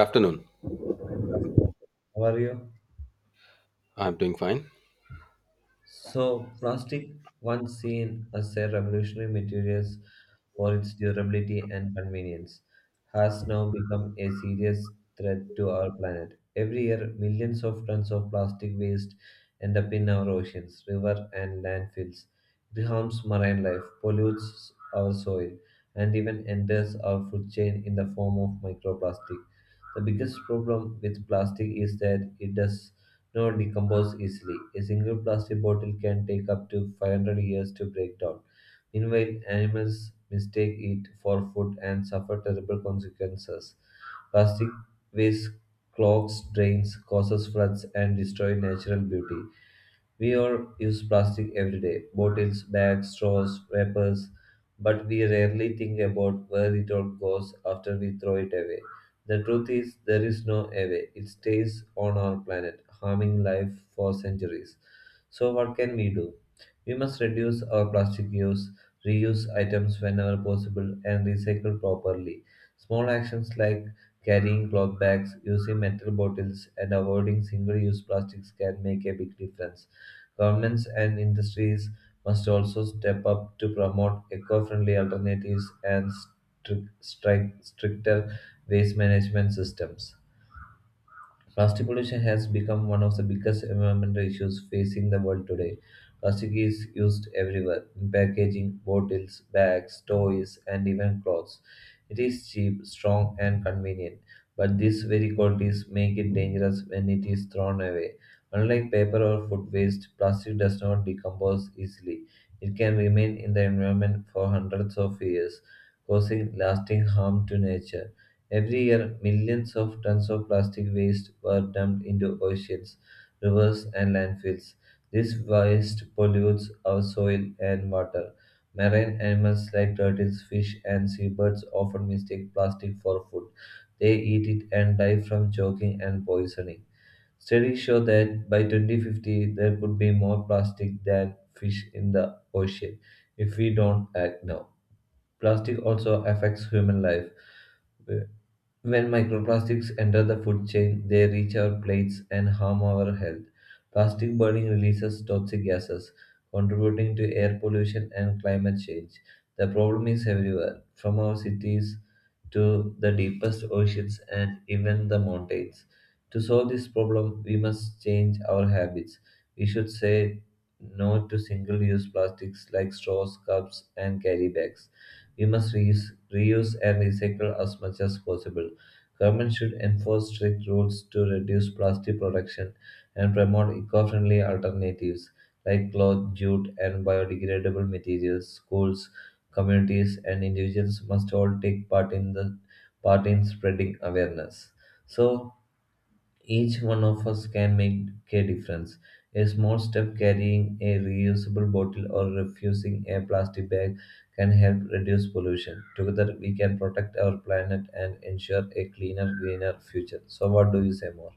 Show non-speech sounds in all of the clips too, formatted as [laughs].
Afternoon. Hi, good afternoon. How are you? I'm doing fine. So, plastic, once seen as a revolutionary material for its durability and convenience, has now become a serious threat to our planet. Every year, millions of tons of plastic waste end up in our oceans, rivers, and landfills. It harms marine life, pollutes our soil, and even enters our food chain in the form of microplastic. The biggest problem with plastic is that it does not decompose easily. A single plastic bottle can take up to 500 years to break down. Meanwhile, animals mistake it for food and suffer terrible consequences. Plastic waste clogs drains, causes floods, and destroys natural beauty. We all use plastic every day: bottles, bags, straws, wrappers, but we rarely think about where it all goes after we throw it away. The truth is, there is no away. It stays on our planet, harming life for centuries. So, what can we do? We must reduce our plastic use, reuse items whenever possible, and recycle properly. Small actions like carrying cloth bags, using metal bottles, and avoiding single use plastics can make a big difference. Governments and industries must also step up to promote eco friendly alternatives and stricter waste management systems. Plastic pollution has become one of the biggest environmental issues facing the world today. Plastic is used everywhere in packaging, bottles, bags, toys, and even clothes. It is cheap, strong, and convenient, but these very qualities make it dangerous when it is thrown away. Unlike paper or food waste, plastic does not decompose easily. It can remain in the environment for hundreds of years, causing lasting harm to nature. Every year, millions of tons of plastic waste were dumped into oceans, rivers, and landfills. This waste pollutes our soil and water. Marine animals like turtles, fish, and seabirds often mistake plastic for food. They eat it and die from choking and poisoning. Studies show that by 2050, there could be more plastic than fish in the ocean if we don't act now. Plastic also affects human life. When microplastics enter the food chain, they reach our plates and harm our health. Plastic burning releases toxic gases, contributing to air pollution and climate change. The problem is everywhere, from our cities to the deepest oceans and even the mountains. To solve this problem, we must change our habits. We should say no to single use plastics like straws, cups, and carry bags. We must reuse and recycle as much as possible. Government should enforce strict rules to reduce plastic production and promote eco-friendly alternatives like cloth, jute, and biodegradable materials. Schools, communities, and individuals must all take part in spreading awareness. So each one of us can make a difference. A small step, carrying a reusable bottle or refusing a plastic bag, can help reduce pollution. Together, we can protect our planet and ensure a cleaner, greener future. So, what do you say more?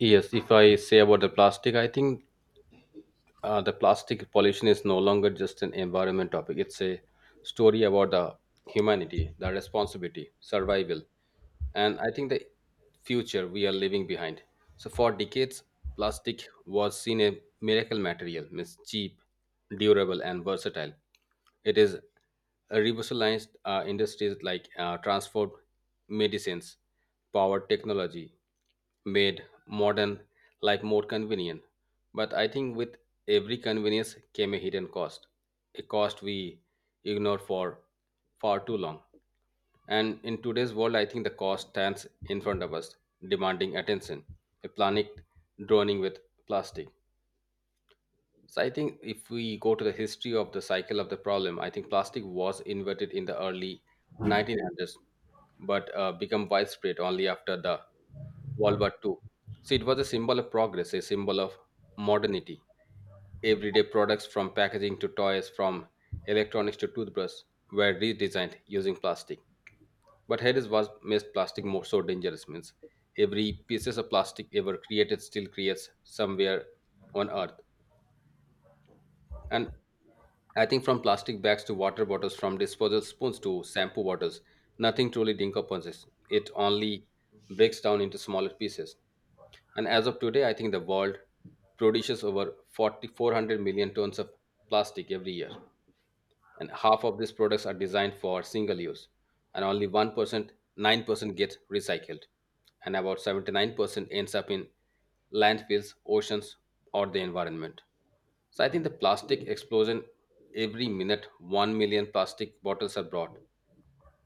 Yes, if I say about the plastic, I think the plastic pollution is no longer just an environment topic. It's a story about the humanity, the responsibility, survival, and I think the future we are leaving behind. So for decades, plastic was seen a miracle material, means cheap, durable, and versatile. It is revolutionized industries like transport, medicines, power technology, made modern life more convenient. But I think with every convenience came a hidden cost, a cost we ignored for far too long. And in today's world, I think the cost stands in front of us, demanding attention, a planet drowning with plastic. So I think if we go to the history of the cycle of the problem, I think plastic was invented in the early 1900s, but become widespread only after the World War II. So it was a symbol of progress, a symbol of modernity. Everyday products from packaging to toys, from electronics to toothbrush, were redesigned using plastic. But here is was made plastic more so dangerous means every pieces of plastic ever created still creates somewhere on earth. And I think from plastic bags to water bottles, from disposal spoons to shampoo bottles, nothing truly decomposes. It only breaks down into smaller pieces. And as of today, I think the world produces over 4,400 million tons of plastic every year, and half of these products are designed for single use, and only 1% 9% get recycled, and about 79% ends up in landfills, oceans, or the environment. So I think the plastic explosion, every minute 1 million plastic bottles are brought,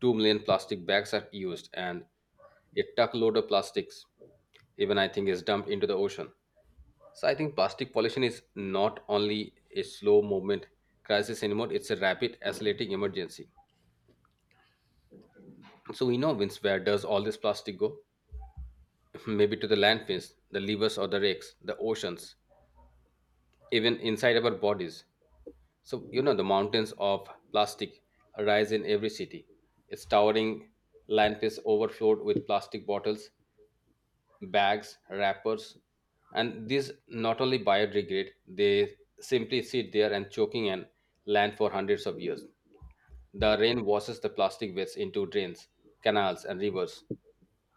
2 million plastic bags are used, and a truckload of plastics even I think is dumped into the ocean. So I think plastic pollution is not only a slow movement crisis anymore; it's a rapid, accelerating emergency. So we know Vince, where does all this plastic go? [laughs] Maybe to the landfills, the rivers or the lakes, the oceans, even inside our bodies. So you know the mountains of plastic rise in every city. It's towering landfills overflowed with plastic bottles, bags, wrappers, and these not only biodegrade, they simply sit there and choking and land for hundreds of years. The rain washes the plastic waste into drains, canals, and rivers.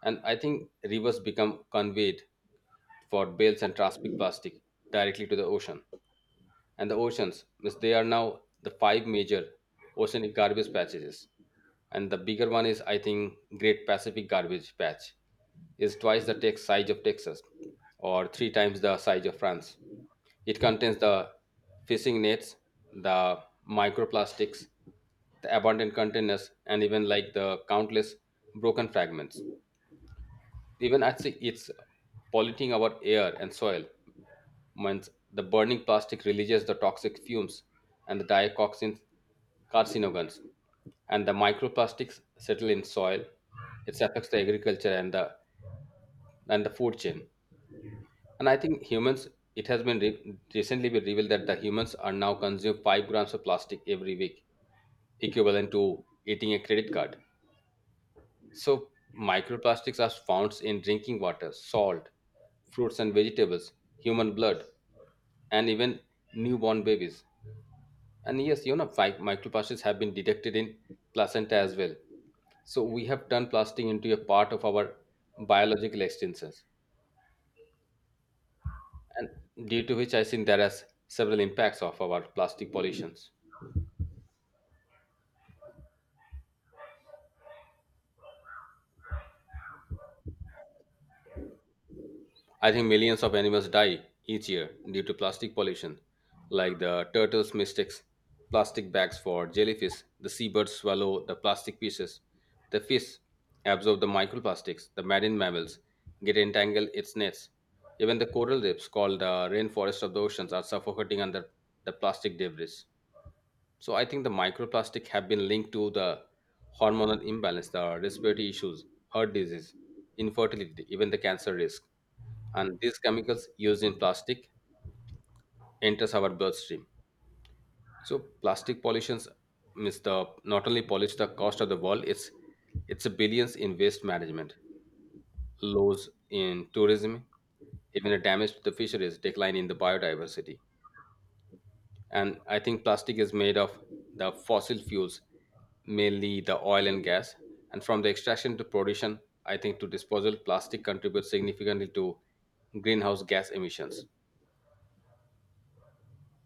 And I think rivers become conveyed for bales and transport plastic directly to the ocean. And the oceans means they are now the five major oceanic garbage patches, and the bigger one is I think great Pacific garbage patch, is twice the size of Texas or three times the size of France. It contains the fishing nets, the microplastics, the abundant containers, and even like the countless broken fragments. Even actually it's polluting our air and soil means the burning plastic releases the toxic fumes and the dioxins, carcinogens, and the microplastics settle in soil. It affects the agriculture and the food chain. And I think humans, it has been recently been revealed that the humans are now consume 5 grams of plastic every week, equivalent to eating a credit card. So microplastics are found in drinking water, salt, fruits and vegetables, human blood, and even newborn babies. And yes, you know, microplastics have been detected in placenta as well. So we have turned plastic into a part of our biological extinctions, and due to which I think there are several impacts of our plastic pollutions. I think millions of animals die each year due to plastic pollution, like the turtles mistakes plastic bags for jellyfish, the seabirds swallow the plastic pieces, the fish absorb the microplastics, the marine mammals get entangled its nets. Even the coral reefs called the rainforest of the oceans are suffocating under the plastic debris. So I think the microplastic have been linked to the hormonal imbalance, the respiratory issues, heart disease, infertility, even the cancer risk. And these chemicals used in plastic enters our bloodstream. So plastic pollutions means the not only pollutes the cost of the world, it's a billions in waste management, lows in tourism, even a damage to the fisheries, decline in the biodiversity. And I think plastic is made of the fossil fuels, mainly the oil and gas, and from the extraction to production I think to disposal plastic contributes significantly to greenhouse gas emissions.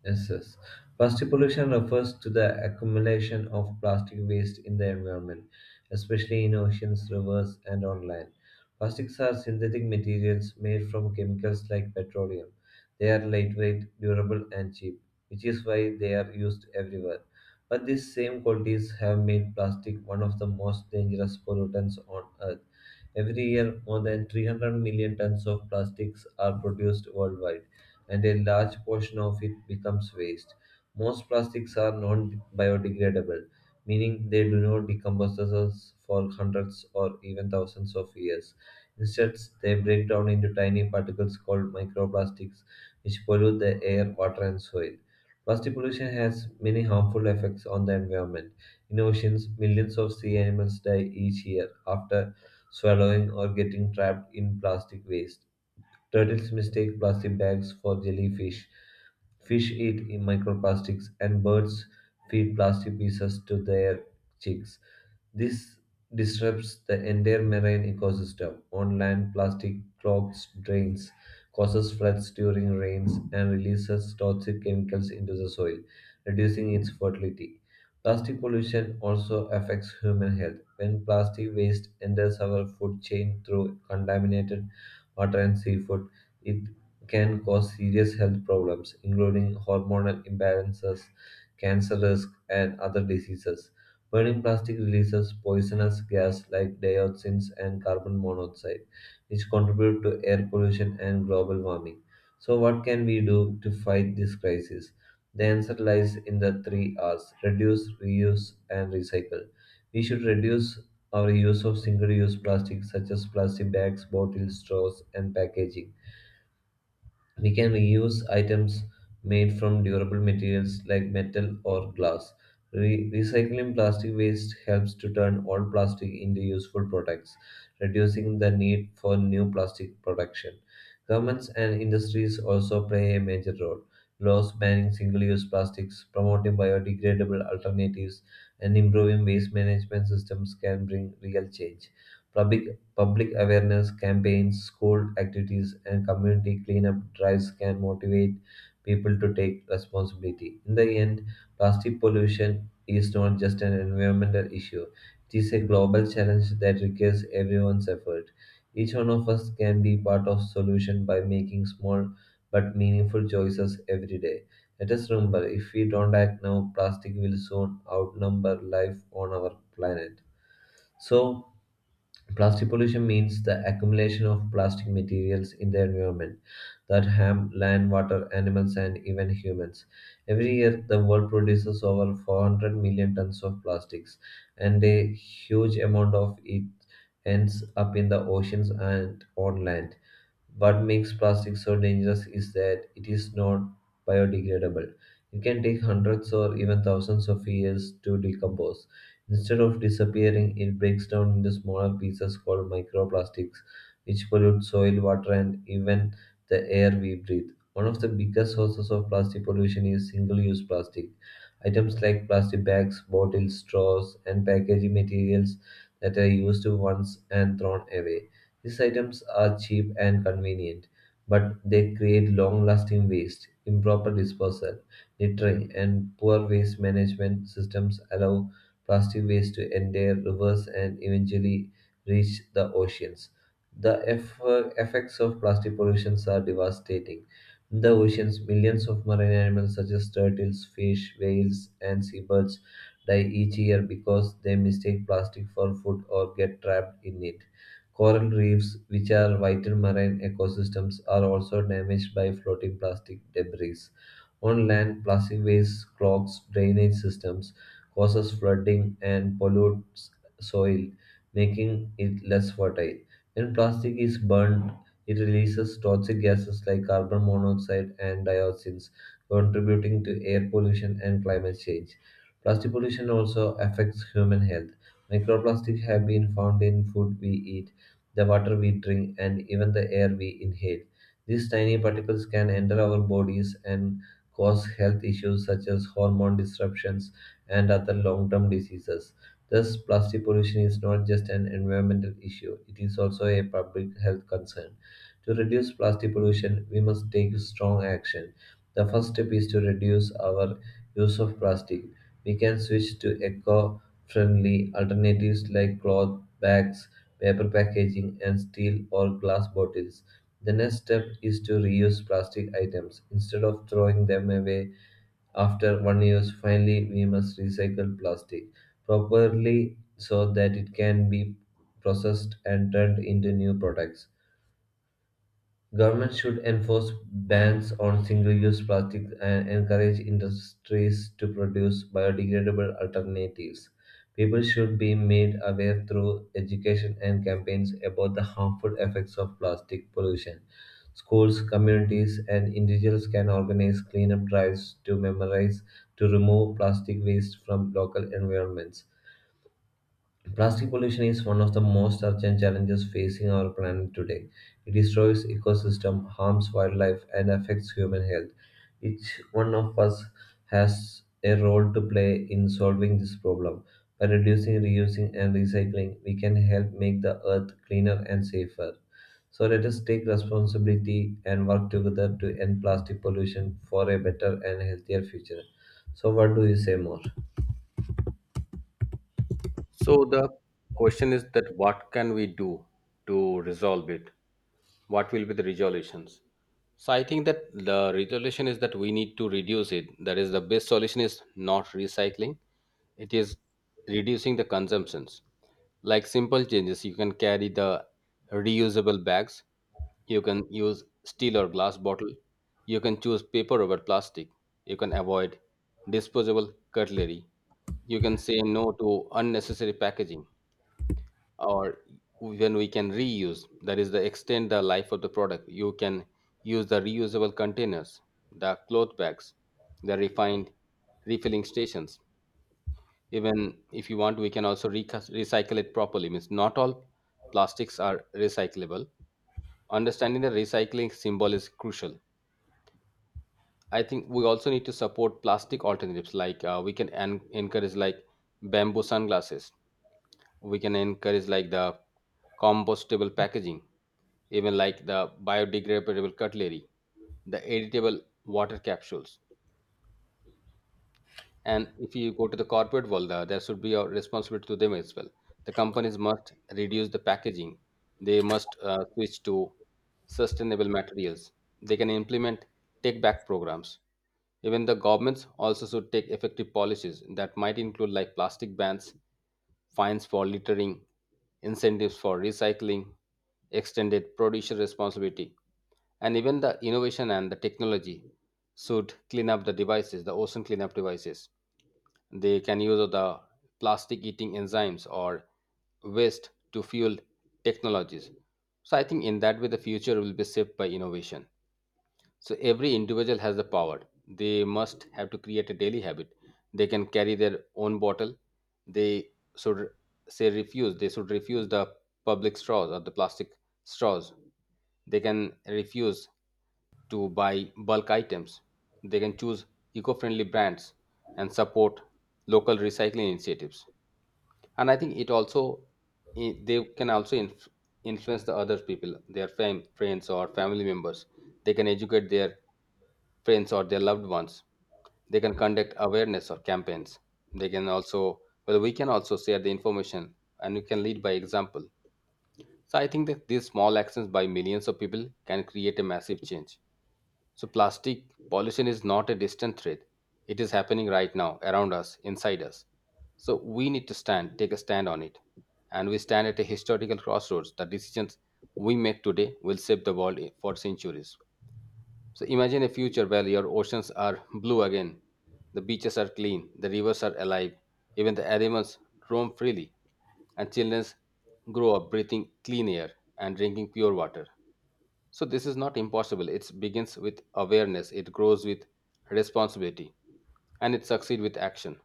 Yes, yes. Plastic pollution refers to the accumulation of plastic waste in the environment, especially in oceans, rivers, and on land. Plastics are synthetic materials made from chemicals like petroleum. They are lightweight, durable, and cheap, which is why they are used everywhere. But these same qualities have made plastic one of the most dangerous pollutants on Earth. Every year, more than 300 million tons of plastics are produced worldwide, and a large portion of it becomes waste. Most plastics are non biodegradable, meaning they do not decompose themselves for hundreds or even thousands of years. Instead, they break down into tiny particles called microplastics, which pollute the air, water, and soil. Plastic pollution has many harmful effects on the environment. In oceans, millions of sea animals die each year after swallowing or getting trapped in plastic waste. Turtles mistake plastic bags for jellyfish. Fish eat in microplastics, and birds feed plastic pieces to their chicks. This disrupts the entire marine ecosystem. On land, plastic clogs drains, causes floods during rains, and releases toxic chemicals into the soil, reducing its fertility. Plastic pollution also affects human health. When plastic waste enters our food chain through contaminated water and seafood, it can cause serious health problems, including hormonal imbalances, cancer risk, and other diseases. Burning plastic releases poisonous gas like dioxins and carbon monoxide, which contribute to air pollution and global warming. So, what can we do to fight this crisis? The answer lies in the three R's: reduce, reuse, and recycle. We should reduce our use of single use plastics such as plastic bags, bottles, straws, and packaging. We can reuse items made from durable materials like metal or glass. Recycling plastic waste helps to turn old plastic into useful products, reducing the need for new plastic production. Governments and industries also play a major role. Laws banning single use plastics, promoting biodegradable alternatives, and improving waste management systems can bring real change. Public Public awareness campaigns, school activities, and community cleanup drives can motivate people to take responsibility. In the end, plastic pollution is not just an environmental issue, it is a global challenge that requires everyone's effort. Each one of us can be part of solution by making small but meaningful choices every day. Let us remember, if we don't act now, plastic will soon outnumber life on our planet. So, plastic pollution means the accumulation of plastic materials in the environment that harm land, water, animals, and even humans. Every year, the world produces over 400 million tons of plastics, and a huge amount of it ends up in the oceans and on land. What makes plastic so dangerous is that it is not biodegradable. It can take hundreds or even thousands of years to decompose. Instead of disappearing, it breaks down into smaller pieces called microplastics, which pollute soil, water, and even the air we breathe. One of the biggest sources of plastic pollution is single use plastic. Items like plastic bags, bottles, straws, and packaging materials that are used once and thrown away. These items are cheap and convenient, but they create long lasting waste. Improper disposal, littering, and poor waste management systems allow plastic waste to enter rivers and eventually reach the oceans. The effects of plastic pollution are devastating. In the oceans, millions of marine animals such as turtles, fish, whales, and seabirds die each year because they mistake plastic for food or get trapped in it. Coral reefs, which are vital marine ecosystems, are also damaged by floating plastic debris. On land, plastic waste clogs drainage systems, causes flooding, and pollutes soil, making it less fertile. When plastic is burned, it releases toxic gases like carbon monoxide and dioxins, contributing to air pollution and climate change. Plastic pollution also affects human health. Microplastics have been found in food we eat, the water we drink, and even the air we inhale. These tiny particles can enter our bodies and cause health issues such as hormone disruptions and other long term diseases. Thus, plastic pollution is not just an environmental issue, it is also a public health concern. To reduce plastic pollution, we must take strong action. The first step is to reduce our use of plastic. We can switch to eco friendly alternatives like cloth bags, paper packaging, and steel or glass bottles. The next step is to reuse plastic items instead of throwing them away after one use. Finally, we must recycle plastic properly so that it can be processed and turned into new products. Governments should enforce bans on single-use plastics and encourage industries to produce biodegradable alternatives. People should be made aware through education and campaigns about the harmful effects of plastic pollution. Schools, communities, and individuals can organize cleanup drives to memorize to remove plastic waste from local environments. Plastic pollution is one of the most urgent challenges facing our planet today. It destroys ecosystem, harms wildlife, and affects human health. Each one of us has a role to play in solving this problem. By reducing, reusing, and recycling, we can help make the earth cleaner and safer. So let us take responsibility and work together to end plastic pollution for a better and healthier future. So what do you say more? So the question is that what can we do to resolve it? What will be the resolutions? So I think that the resolution is that we need to reduce it. That is the best solution is not recycling. It is reducing the consumptions. Like simple changes, you can carry the reusable bags. You can use steel or glass bottle. You can choose paper over plastic. You can avoid disposable cutlery. You can say no to unnecessary packaging, or when we can reuse that is the extend the life of the product. You can use the reusable containers, the cloth bags, the refined refilling stations. Even if you want we can also recycle it properly means not all plastics are recyclable. Understanding the recycling symbol is crucial. I think we also need to support plastic alternatives like we can encourage like bamboo sunglasses, we can encourage like the compostable packaging, even like the biodegradable cutlery, the editable water capsules. And if you go to the corporate world, there should be a responsibility to them as well. The companies must reduce the packaging, they must switch to sustainable materials, they can implement take back programs. Even the governments also should take effective policies that might include like plastic bans, fines for littering, incentives for recycling, extended producer responsibility, and even the innovation and the technology should clean up the devices, the ocean cleanup devices. They can use the plastic eating enzymes or waste to fuel technologies. So I think in that way the future will be shaped by innovation. So every individual has the power. They must have to create a daily habit. They can carry their own bottle. They should say refuse. They should refuse the public straws or the plastic straws. They can refuse to buy bulk items. They can choose eco-friendly brands and support local recycling initiatives. And I think it also they can also influence the other people, their friends or family members. They can educate their friends or their loved ones. They can conduct awareness or campaigns. They can also, well, we can also share the information and we can lead by example. So I think that these small actions by millions of people can create a massive change. So plastic pollution is not a distant threat. It is happening right now around us, inside us. So we need to stand, take a stand on it. And we stand at a historical crossroads. The decisions we make today will shape the world for centuries. So imagine a future where your oceans are blue again, the beaches are clean, the rivers are alive, even the animals roam freely, and children grow up breathing clean air and drinking pure water. So this is not impossible. It begins with awareness, it grows with responsibility, and it succeeds with action.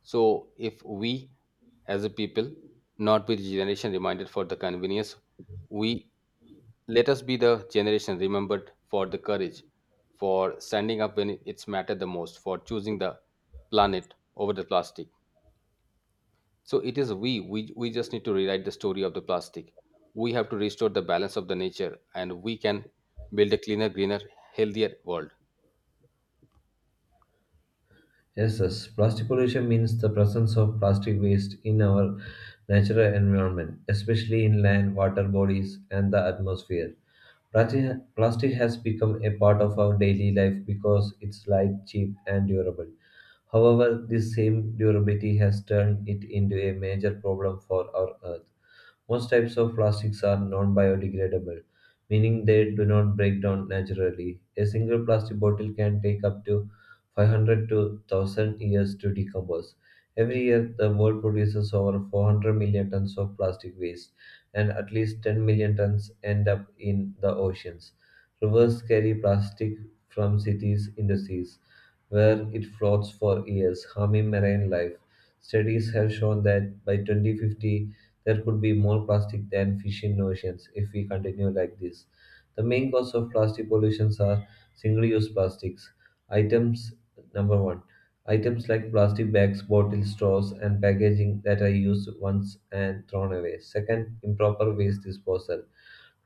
So if we as a people, not be the generation reminded for the convenience, we let us be the generation remembered for the courage, for standing up when it's mattered the most, for choosing the planet over the plastic. So it is we just need to rewrite the story of the plastic. We have to restore the balance of the nature and we can build a cleaner, greener, healthier world. Yes, yes. Plastic pollution means the presence of plastic waste in our natural environment, especially in land, water bodies, and the atmosphere. Plastic has become a part of our daily life because it's light, cheap, and durable. However, this same durability has turned it into a major problem for our Earth. Most types of plastics are non biodegradable, meaning they do not break down naturally. A single plastic bottle can take up to 500 to 1000 years to decompose. Every year, the world produces over 400 million tons of plastic waste, and at least 10 million tons end up in the oceans. Rivers carry plastic from cities into seas where it floats for years, harming marine life. Studies have shown that by 2050, there could be more plastic than fish in oceans if we continue like this. The main cause of plastic pollutions are single-use plastics. Items number one, items like plastic bags, bottles, straws, and packaging that are used once and thrown away. Second, improper waste disposal.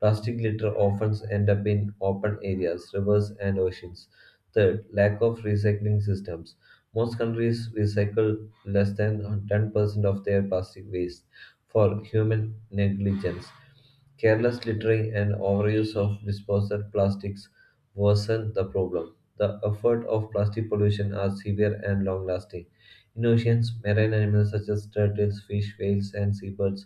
Plastic litter often end up in open areas, rivers, and oceans. Third, lack of recycling systems. Most countries recycle less than 10% of their plastic waste for human negligence. Careless littering and overuse of disposable plastics worsen the problem. The effects of plastic pollution are severe and long lasting. In oceans, marine animals such as turtles, fish, whales, and seabirds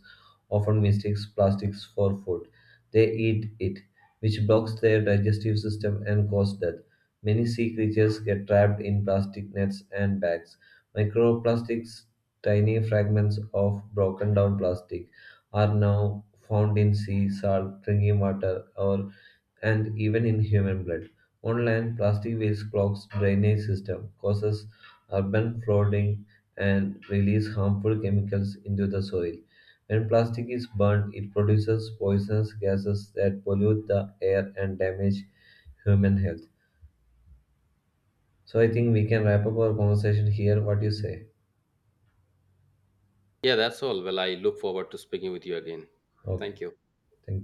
often mistake plastics for food. They eat it, which blocks their digestive system and causes death. Many sea creatures get trapped in plastic nets and bags. Microplastics, tiny fragments of broken down plastic, are now found in sea, salt, drinking water, and even in human blood. On land, plastic waste clogs drainage system, causes urban flooding, and release harmful chemicals into the soil. When plastic is burned, it produces poisonous gases that pollute the air and damage human health. So I think we can wrap up our conversation here. What do you say? Yeah, that's all. Well, I look forward to speaking with you again. Okay. Thank you. Thank you.